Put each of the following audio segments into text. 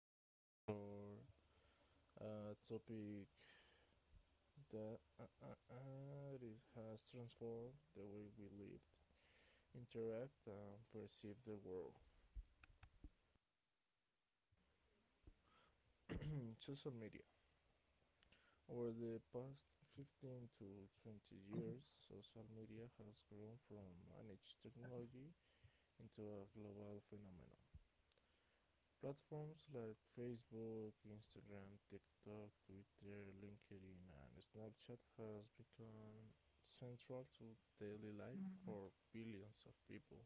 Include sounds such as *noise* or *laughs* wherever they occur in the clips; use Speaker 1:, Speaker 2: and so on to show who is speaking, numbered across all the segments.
Speaker 1: going to explore a topic that it has transformed the way we lived, interact, and perceive the world. In social media. Over the past 15 to 20 years, social media has grown from managed technology into a global phenomenon. Platforms like Facebook, Instagram, TikTok, Twitter, LinkedIn, and Snapchat has become central to daily life for billions of people.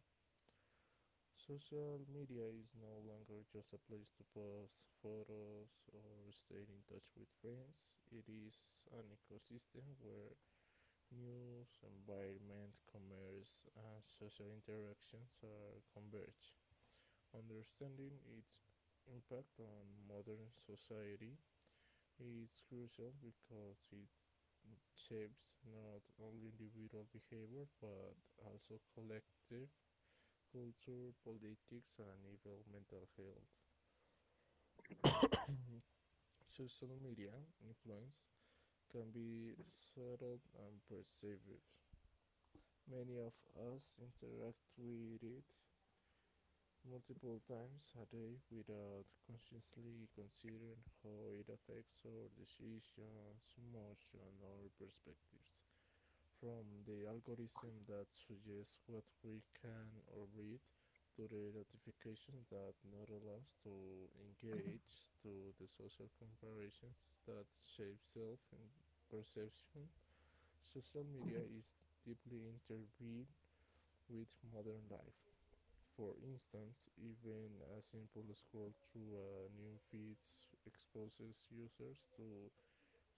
Speaker 1: Social media is no longer just a place to post photos or stay in touch with friends. It is an ecosystem where news, environment, commerce, and social interactions are converged. Understanding its impact on modern society is crucial because it shapes not only individual behavior but also collective culture, politics, and even mental health. Social media influence can be subtle and pervasive. Many of us interact with it multiple times a day without consciously considering how it affects our decisions, emotions, or perspectives. From the algorithm that suggests what we can or read to the notifications that not allows to engage to the social comparisons that shape self and perception. Social media is deeply intervened with modern life. For instance, even a simple scroll through a new feed exposes users to a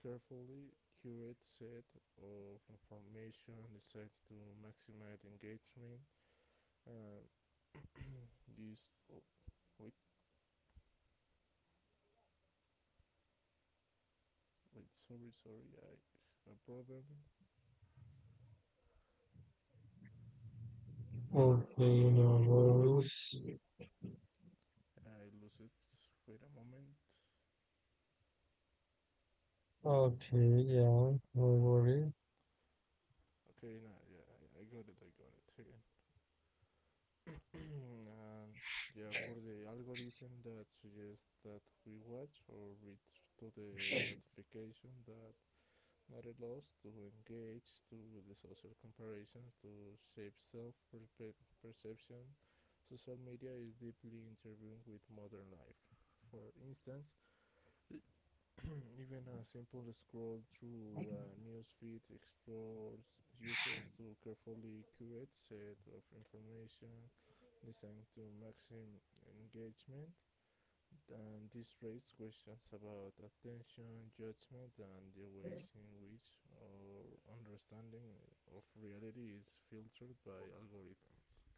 Speaker 1: carefully curated set of information designed to maximize engagement. Uh, this Oh, wait wait, sorry, I have a problem.
Speaker 2: Okay, no worries.
Speaker 1: I lose it. Wait a moment.
Speaker 2: Okay, yeah, no worries.
Speaker 1: Okay, now, yeah, I got it. It. *laughs* And yeah, for the algorithm that suggests that we watch or read to the notification that matter loss to engage to the social comparison to shape self perception, social media is deeply intervened with modern life. For instance, *clears throat* even a simple scroll through a newsfeed explores users to carefully curate set of information designed to maximum engagement. And this raises questions about attention, judgment, and the ways in which our understanding of reality is filtered by algorithms.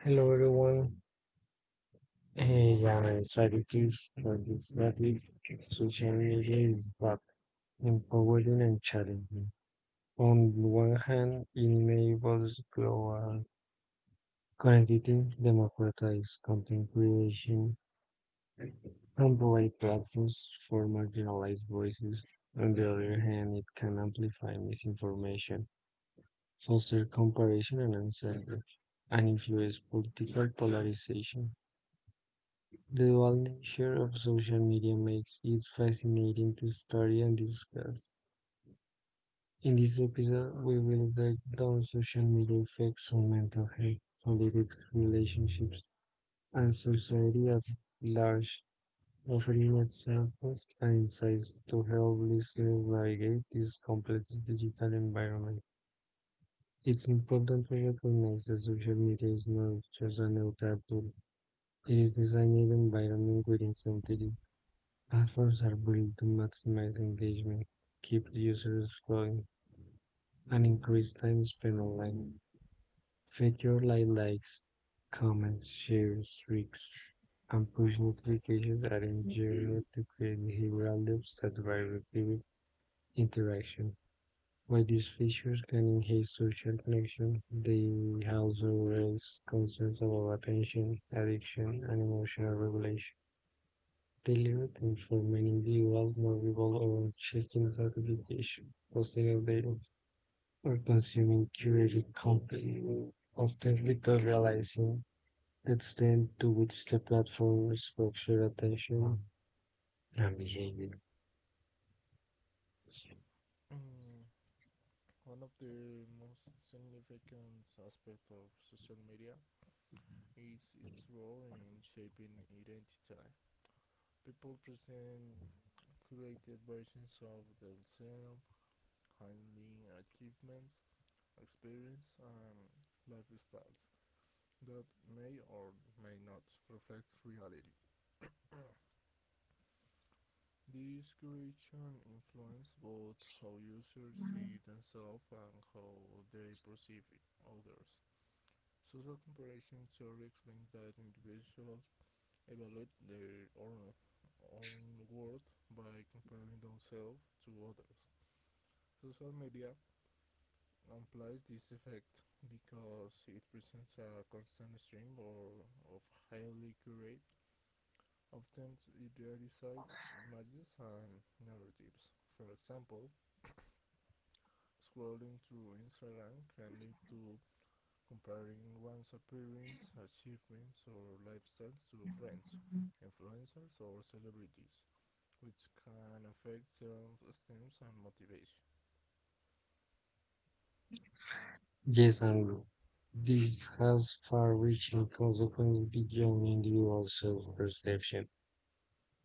Speaker 2: Hello, everyone. Hey, yeah, I'm excited to for this topic. Social media is both empowering and challenging. On the one hand, it enables global connectivity, democratize content creation, and provide platforms for marginalized voices. On the other hand, it can amplify misinformation, social comparison and anxiety, and influence political polarization. The dual nature of social media makes it fascinating to study and discuss. In this episode, we will break down social media effects on mental health, politics, relationships, and society at large, offering examples and insights to help listeners navigate this complex digital environment. It's important to recognize that social media is not just a new platform. It is designed environment with incentives. Platforms are built to maximize engagement, keep users scrolling, and increase time spent online. Features like likes, comments, shares, streaks, and push notifications are engineered to create behavioral loops that drive repeated interaction. By these features can enhance social connection, they also raise concerns about attention, addiction, and emotional regulation. Daily routines for many individuals now revolve around checking gratification, posting updates, or consuming curated content, often without realizing the extent to which the platform is structured attention and behavior.
Speaker 1: *coughs* One of the most significant aspects of social media is its role in shaping identity. People present curated versions of themselves, highlighting achievements, experience, and lifestyles that may or may not reflect reality. This creation influences both how users see themselves and how they perceive others. Social comparison theory explains that individual evaluate their own world by comparing themselves to others. Social media amplifies this effect because it presents a constant stream or of highly curated, often idealized images and narratives. For example, scrolling through Instagram can lead to comparing one's appearance, achievements, or lifestyles to friends, influencers, or celebrities, which can affect self-esteem and motivation.
Speaker 2: Yes, this has far-reaching consequences beyond individual self-perception.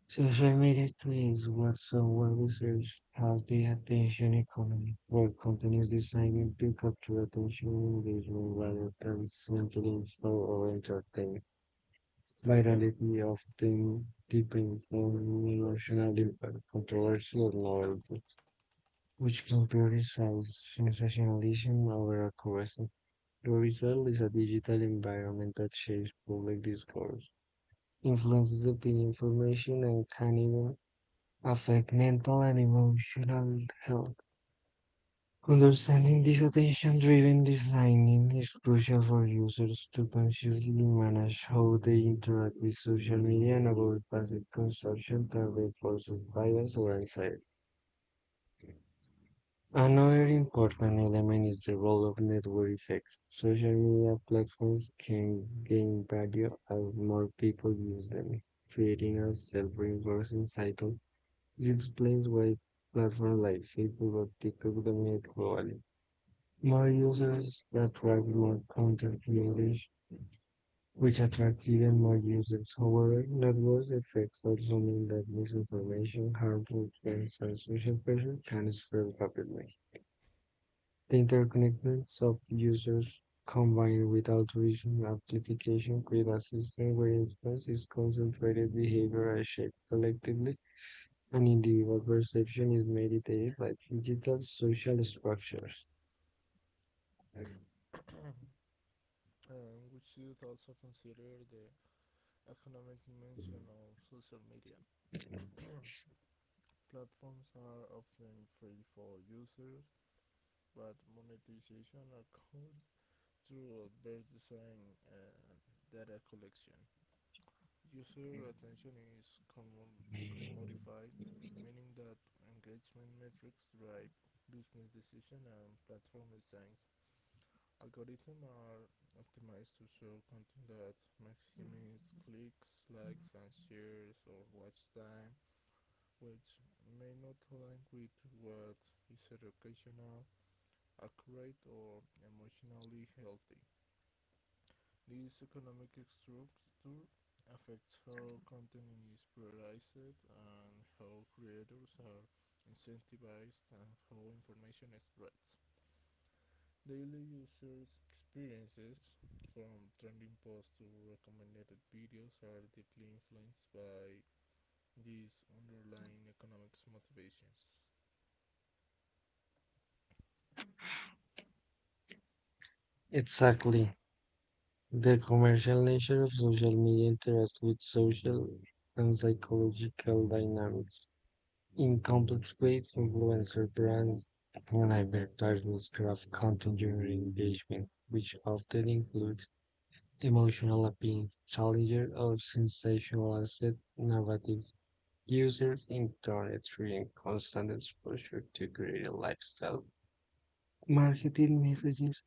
Speaker 2: Social media creates what some well research call the attention economy, where companies design to capture attention and engagement rather than simply info or entertainment. Virality often depends on emotional impact, controversy, or novelty, which can prioritize sensationalism over accuracy. The result is a digital environment that shapes public discourse, influences opinion formation, and can even affect mental and emotional health. Understanding this attention driven designing is crucial for users to consciously manage how they interact with social media and avoid passive consumption that reinforces bias or anxiety. Another important element is the role of network effects. Social media platforms can gain value as more people use them, creating a self-reinforcing cycle. This explains why platforms like Facebook or TikTok dominate globally. More users attract more content creators, which attracts even more users. However, network effects also mean that misinformation, harmful trends, and social pressure can spread rapidly. The interconnectedness of users, combined with altruism, amplification, create a system where influence is concentrated, behavior is shaped collectively, and individual perception is mediated by digital social structures.
Speaker 1: And we should also consider the economic dimension of social media. Platforms are often free for users, but monetization occurs through adverse design and data collection. User attention is commodified, meaning that engagement metrics drive business decisions and platform designs. Algorithms are optimized to show content that maximizes clicks, likes, and shares or watch time, which may not align with what is educational, accurate, or emotionally healthy. This economic structure affects how content is prioritized and how creators are incentivized and how information spreads. Daily users' experiences, from trending posts to recommended videos, are deeply influenced by these underlying economics motivations.
Speaker 2: Exactly. The commercial nature of social media interacts with social and psychological dynamics. In complex ways, influencer brands can advertise craft content during engagement, which often includes emotional appeal, challenges, or sensationalized narratives. Users in turn experience constant exposure to creative lifestyle, marketing messages,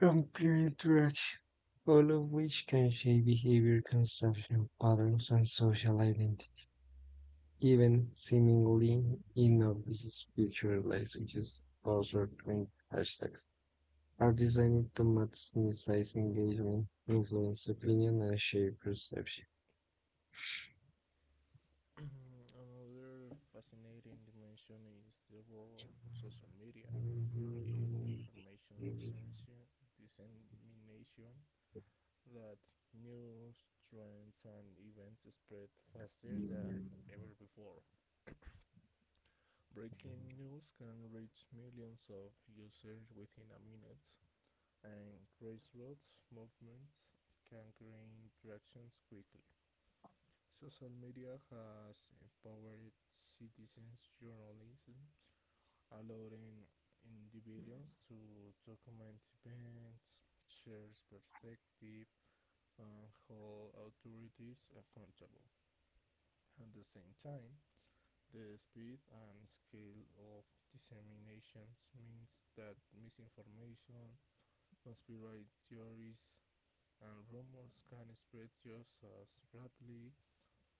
Speaker 2: and peer interaction, all of which can shape behavior, consumption patterns, and social identity. Even seemingly innocuous feature like or short hashtags are designed to maximize engagement, influence opinion, and shape perception.
Speaker 1: *clears throat* Another fascinating dimension is the role of social media in information dissemination that news, trends, and events spread faster than ever before. Breaking news can reach millions of users within a minute, and grassroots movements can gain traction quickly. Social media has empowered citizens' journalism, allowing individuals to document events, share perspective, and hold authorities accountable. At the same time, the speed and scale of disseminations means that misinformation, conspiracy theories, and rumors can spread just as rapidly,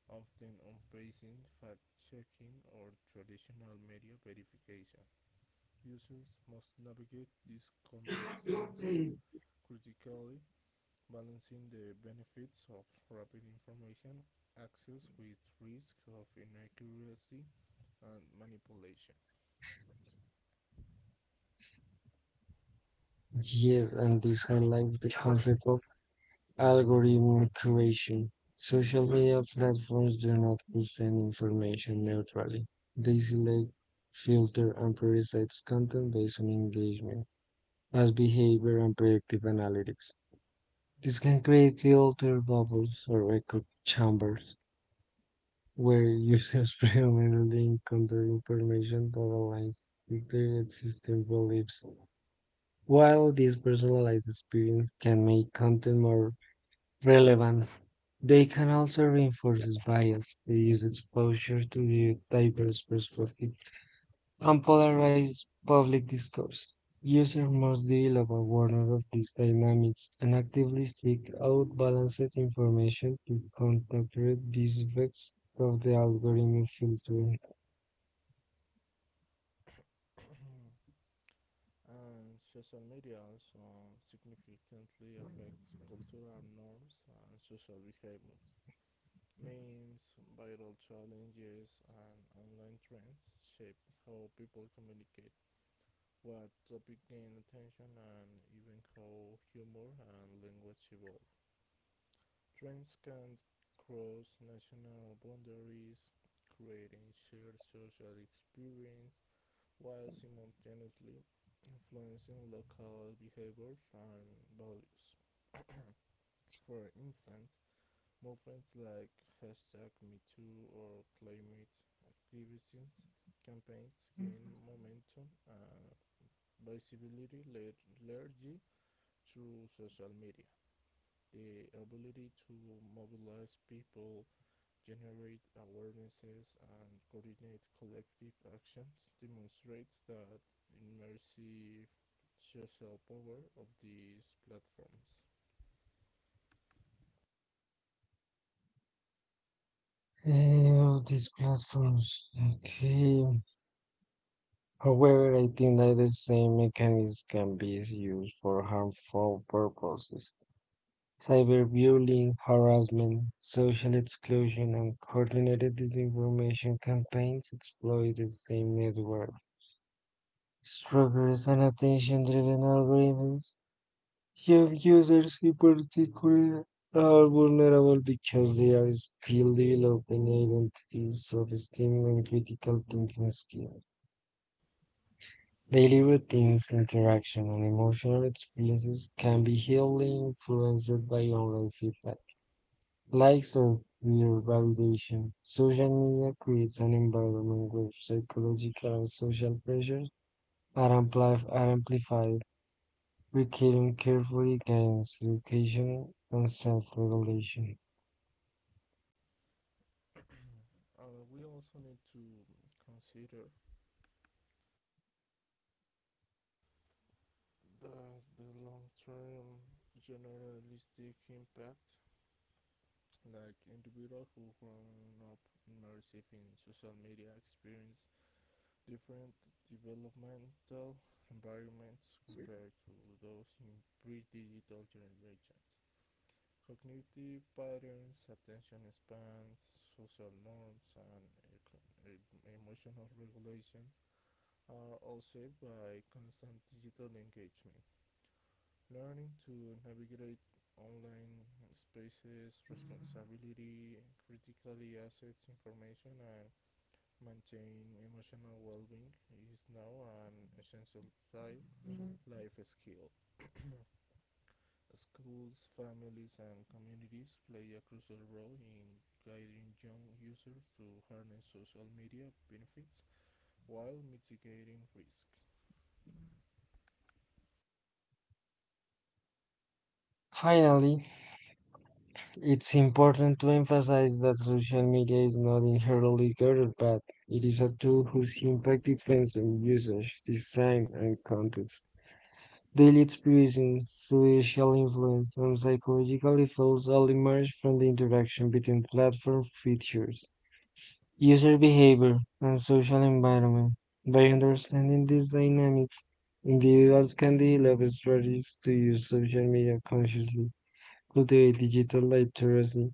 Speaker 1: often outpacing fact-checking or traditional media verification. Users must navigate this complex landscape critically, balancing the benefits of rapid information access with risk of inaccuracy and manipulation.
Speaker 2: Yes, and this highlights the concept of algorithm creation. Social media platforms do not present information neutrally. They select, filter, and prioritize content based on engagement, as behavior and predictive analytics. This can create filter bubbles or echo chambers where users predominantly encounter *laughs* information that aligns with their existing beliefs. While this personalized experience can make content more relevant, they can also reinforce bias. They use exposure to the diverse perspectives and polarize public discourse. Users must develop awareness of these dynamics and actively seek out balanced information to counter these effects of the algorithm filtering
Speaker 1: *coughs* And social media also significantly affects cultural norms and social behaviors. Memes, viral challenges, and online trends shape how people communicate, what topic gain attention, and even how humor and language evolve. Trends can cross national boundaries, creating shared social experience while simultaneously influencing local behaviors and values. For instance, movements like hashtag MeToo or climate activism campaigns gain momentum and visibility largely through social media. The ability to mobilize people generate awarenesses, and coordinate collective actions demonstrates that immersive social power of these platforms.
Speaker 2: of these platforms. Okay. However, I think that the same mechanism can be used for harmful purposes. Cyberbullying, harassment, social exclusion, and coordinated disinformation campaigns exploit the same network structures and attention-driven algorithms. Young users in particular are vulnerable because they are still developing identities, self-esteem, and critical thinking skills. Daily routines, interaction, and emotional experiences can be heavily influenced by online feedback like circular validation. Social media creates an environment where psychological and social pressures are amplified, requiring careful guidance, education, and self-regulation.
Speaker 1: We also need to consider the, the long-term generalistic impact like individuals who grown up immersive in social media experience different developmental environments compared to those in pre-digital generations. Cognitive patterns, attention spans, social norms, and e- emotional regulations are all shaped by constant digital engagement. Learning to navigate online spaces, responsibility, critically assess information, and maintain emotional well-being is now an essential child life skill. Schools, families, and communities play a crucial role in guiding young users to harness social media benefits while mitigating risks.
Speaker 2: Finally, it's important to emphasize that social media is not inherently good or bad. It is a tool whose impact depends on usage, design, and context. Daily experiences, social influence, and psychological effects all emerge from the interaction between platform features, user behavior, and social environment. By understanding these dynamics, individuals can develop strategies to use social media consciously, cultivate digital literacy,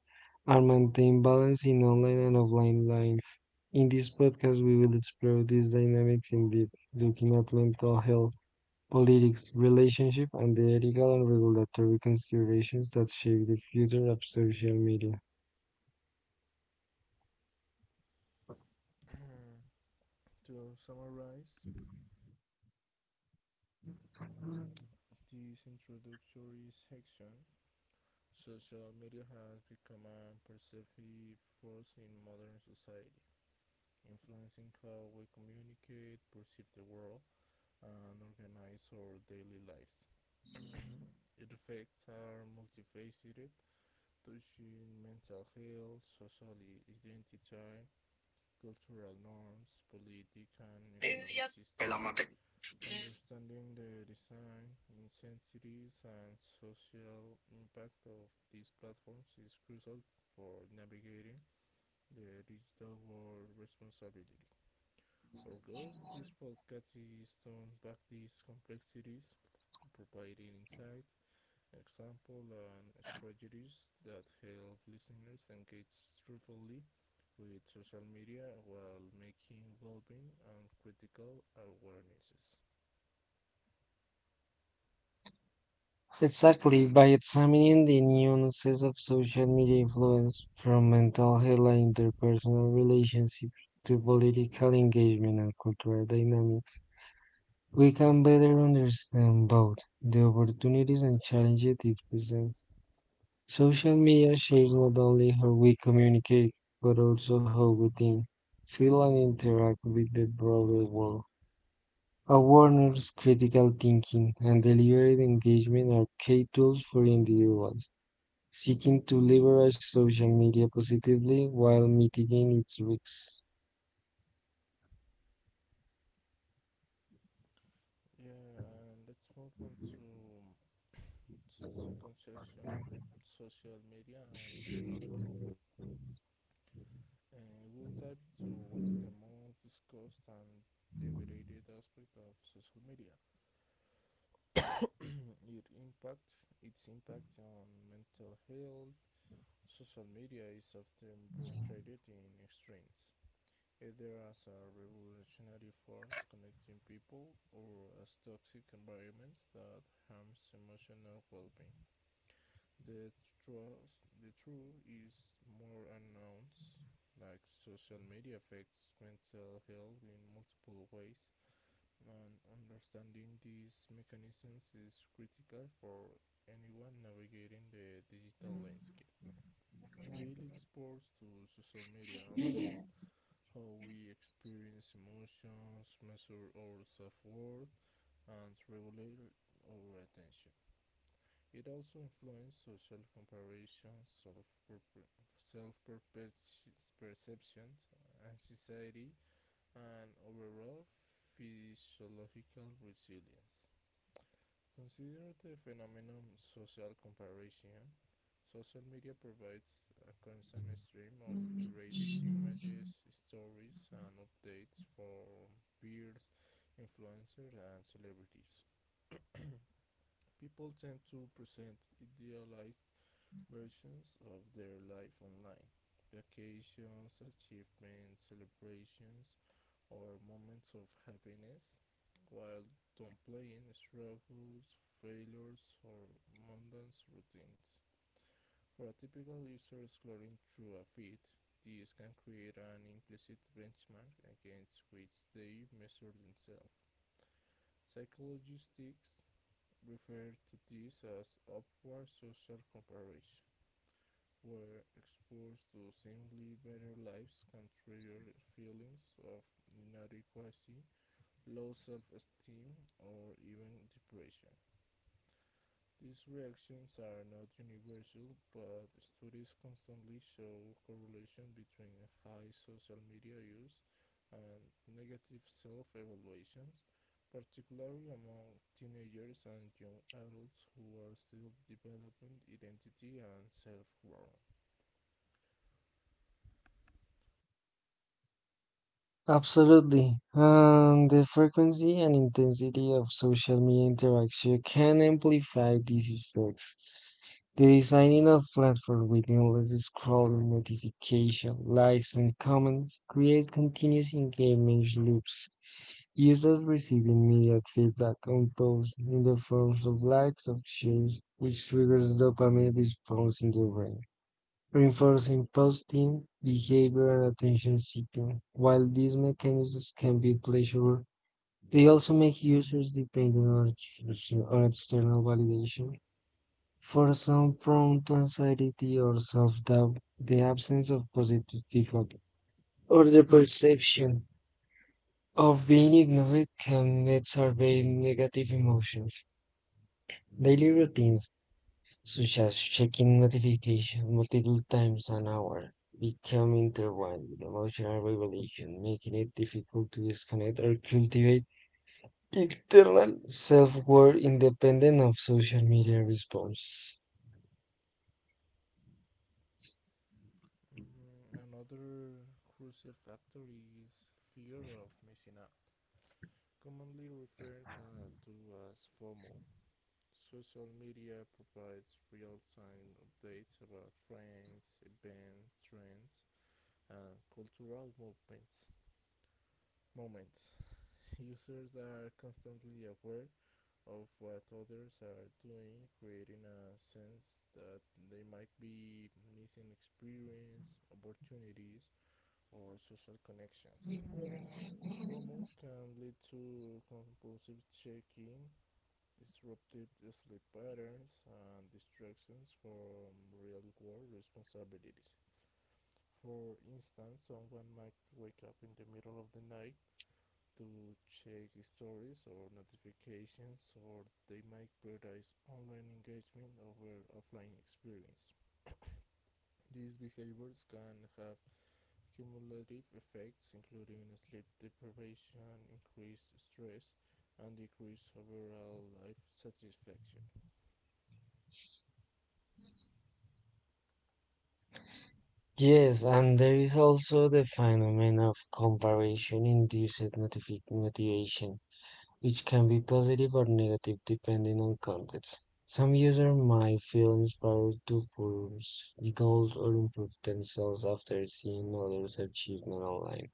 Speaker 2: and maintain balance in online and offline life. In this podcast, we will explore these dynamics in depth, looking at mental health, politics, relationship, and the ethical and regulatory considerations that shape the future of social media.
Speaker 1: To summarize this introductory section, social media has become a pervasive force in modern society, influencing how we communicate, perceive the world, and organize our daily lives. Its effects are multifaceted, touching mental health, social identity, cultural norms, political and economic systems. Understanding the design, incentives, and social impact of these platforms is crucial for navigating the digital world responsibility. Our goal in this podcast is to unpack these complexities, providing insight, examples and strategies that help listeners engage truthfully with social media while making well-being and critical awarenesses.
Speaker 2: Exactly, by examining the nuances of social media influence, from mental health and interpersonal relationships to political engagement and cultural dynamics, we can better understand both the opportunities and challenges it presents. Social media shapes not only how we communicate, but also how we think, feel, and interact with the broader world. Awareness, critical thinking, and deliberate engagement are key tools for individuals seeking to leverage social media positively while mitigating its risks.
Speaker 1: Yeah, and let's move on to second section, social media and mental health. And we'll dive into one of the most discussed and debated aspect of social media. It impact Its impact on mental health, social media is often portrayed in extremes, either as a revolutionary force connecting people or as toxic environments that harms emotional well-being. The truth, the truth is more unknown, like social media affects mental health in multiple ways, and understanding these mechanisms is critical for anyone navigating the digital landscape. Daily exposure to social media alters how we experience emotions, measure our self worth, and regulate our attention. It also influences social comparisons, self perceptions, anxiety, and overall physiological resilience. Consider the phenomenon social comparison. Social media provides a constant stream of curated images, stories, and updates for peers, influencers, and celebrities. People tend to present idealized versions of their life online vacations, achievements, celebrations, or moments of happiness, while downplaying struggles, failures, or mundane routines. For a typical user exploring through a feed, this can create an implicit benchmark against which they measure themselves. Psychologists refer to this as upward social comparison, where exposed to seemingly better lives can trigger feelings of inadequacy low self-esteem, or even depression. These reactions are not universal, but studies constantly show correlation between high social media use and negative self-evaluations, particularly among teenagers and young adults who are still developing identity and self-worth.
Speaker 2: Absolutely. And the frequency and intensity of social media interaction can amplify these effects. The designing of platforms with endless scrolling, notification, likes, and comments creates continuous engagement loops. Users receiving immediate feedback on posts in the forms of likes or shares, which triggers dopamine response in the brain, reinforcing posting behavior and attention seeking. While these mechanisms can be pleasurable, they also make users dependent on external validation for some prone to anxiety or self-doubt, the absence of positive feedback or the perception of being ignored can exacerbate negative emotions. Daily routines, such as checking notifications multiple times an hour, become intertwined with emotional regulation, making it difficult to disconnect or cultivate internal self-worth independent of social media response.
Speaker 1: Mm, another crucial factor is fear of missing out. Commonly referred to as FOMO, social media provides real-time updates about trends, events, trends, and cultural movements. Moments. Users are constantly aware of what others are doing, creating a sense that they might be missing experience, opportunities, or social connections. FOMO can lead to compulsive checking disruptive sleep patterns, and distractions from real world responsibilities. For instance, someone might wake up in the middle of the night to check stories or notifications, or they might prioritize online engagement over offline experience. These behaviors can have cumulative effects, including sleep deprivation, increased stress, and decreased overall life satisfaction.
Speaker 2: Yes, and there is also the phenomenon of comparison-induced motivation, which can be positive or negative depending on context. Some users might feel inspired to pursue goals or improve themselves after seeing others' achievement online,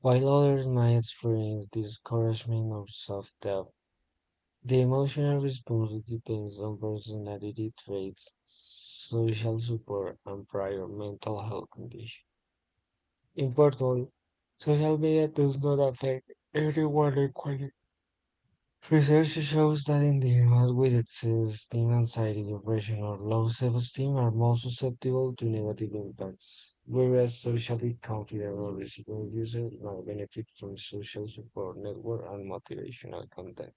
Speaker 2: while others might experience discouragement or self-doubt. The emotional response depends on personality traits, social support, and prior mental health conditions. Importantly, social media does not affect everyone equally. Research shows that individuals with existing anxiety, depression, or low self-esteem are more susceptible to negative impacts, whereas socially confident or resilient users may benefit from social support network and motivational content.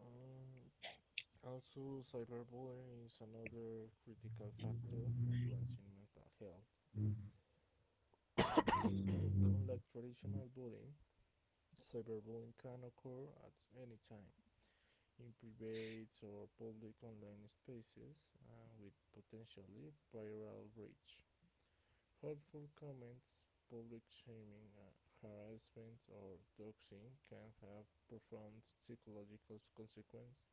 Speaker 1: Um, Also, cyberbullying is another critical factor influencing mental health. *clears throat* Unlike traditional bullying, cyberbullying can occur at any time in private or public online spaces and with potentially viral reach. Hurtful comments, public shaming, harassment, or doxing can have profound psychological consequences,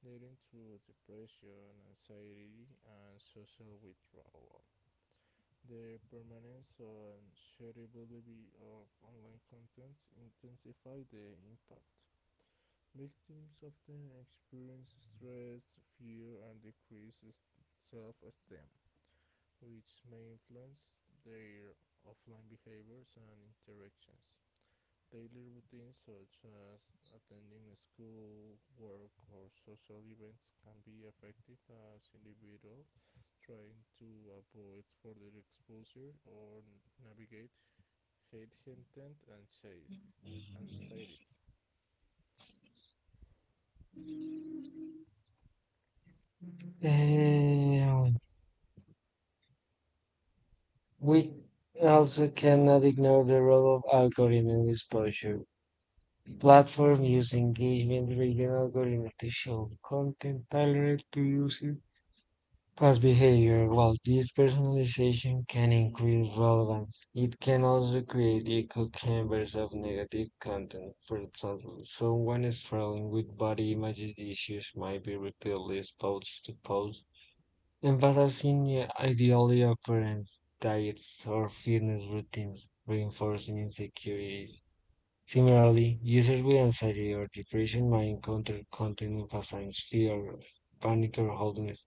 Speaker 1: leading to depression, anxiety, and social withdrawal. The permanence and shareability of online content intensify the impact. Victims often experience stress, fear, and decreased self esteem, which may influence their offline behaviors and interactions. Daily routines such as attending school, work, or social events can be affected as individuals trying to avoid further exposure or navigate hate content and chases anxiety.
Speaker 2: Um, we also cannot ignore the role of algorithm exposure. Platform use engagement-driven algorithm to show content tailored to user past behavior. While this personalization can increase relevance, it can also create echo chambers of negative content. For example, someone struggling with body image issues might be repeatedly exposed to posts emphasizing ideally appearance, diets, or fitness routines, reinforcing insecurities. Similarly, users with anxiety or depression might encounter content that assigns fear, panic, or hopelessness.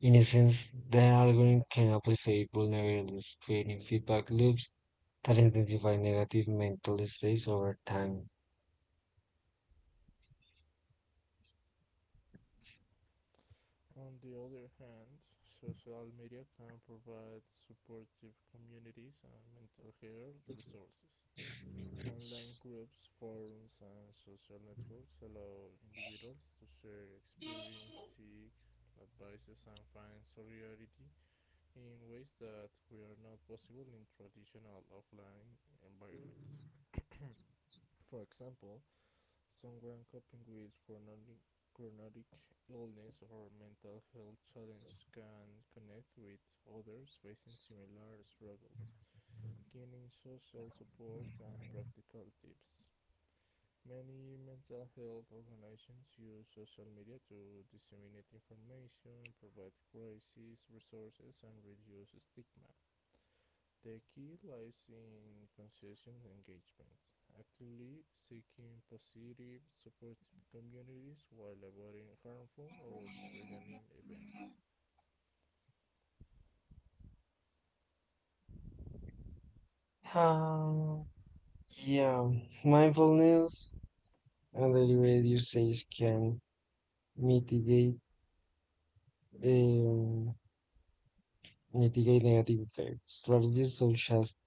Speaker 2: In essence, the algorithm can amplify vulnerabilities, creating feedback loops that intensify negative mental states over time.
Speaker 1: On the other hand, social media can provide supportive communities and mental health resources. Online groups, forums, and social networks allow individuals to share experience, seek advices, and find solidarity in ways that were not possible in traditional offline environments. For example, someone coping with chronic illness or mental health challenge can connect with others facing similar struggles, gaining social supports and practical tips. Many mental health organizations use social media to disseminate information, provide crisis resources, and reduce stigma. The key lies in conscious engagement, actively seeking positive, supportive communities while avoiding harmful or triggering events.
Speaker 2: Um, yeah, Mindfulness and deliberate usage can mitigate um, mitigate negative effects. Strategies such as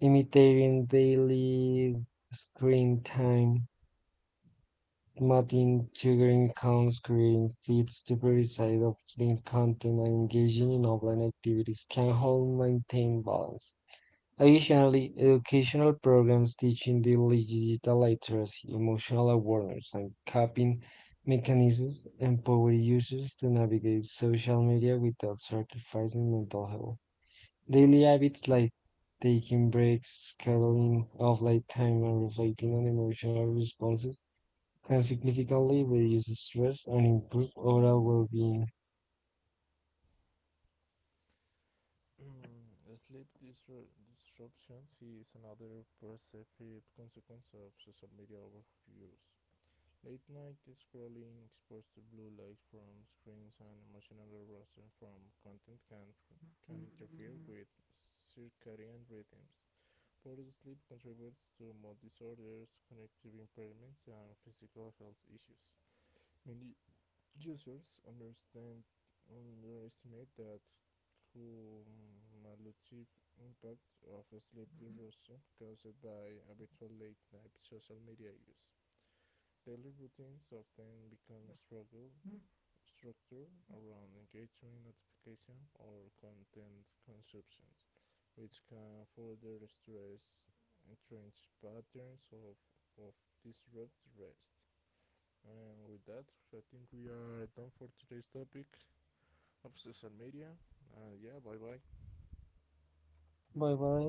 Speaker 2: limiting daily screen time, mapping triggering count screen feeds to precise of screen content and engaging in offline activities can help maintain balance. Additionally, educational programs teaching daily digital literacy, emotional awareness, and coping mechanisms empower users to navigate social media without sacrificing mental health. Daily habits like taking breaks, scheduling off light time, and reflecting on emotional responses can significantly reduce stress and improve overall well-being.
Speaker 1: *clears throat* Sleep disruptions is another perceived consequence of social media overuse. Late night scrolling exposed to blue light from screens and emotional arousal from content can interfere with circadian rhythms. Poor sleep contributes to mood disorders, cognitive impairments, and physical health issues. Many users understand underestimate that cumulative impact of sleep disruption caused by habitual late night social media use. Daily routines often become struggle structured around engagement notification or content consumptions, which can further stress entrenched patterns of disrupt rest. And with that, I think we are done for today's topic of social media. And yeah, bye bye.
Speaker 2: Bye bye.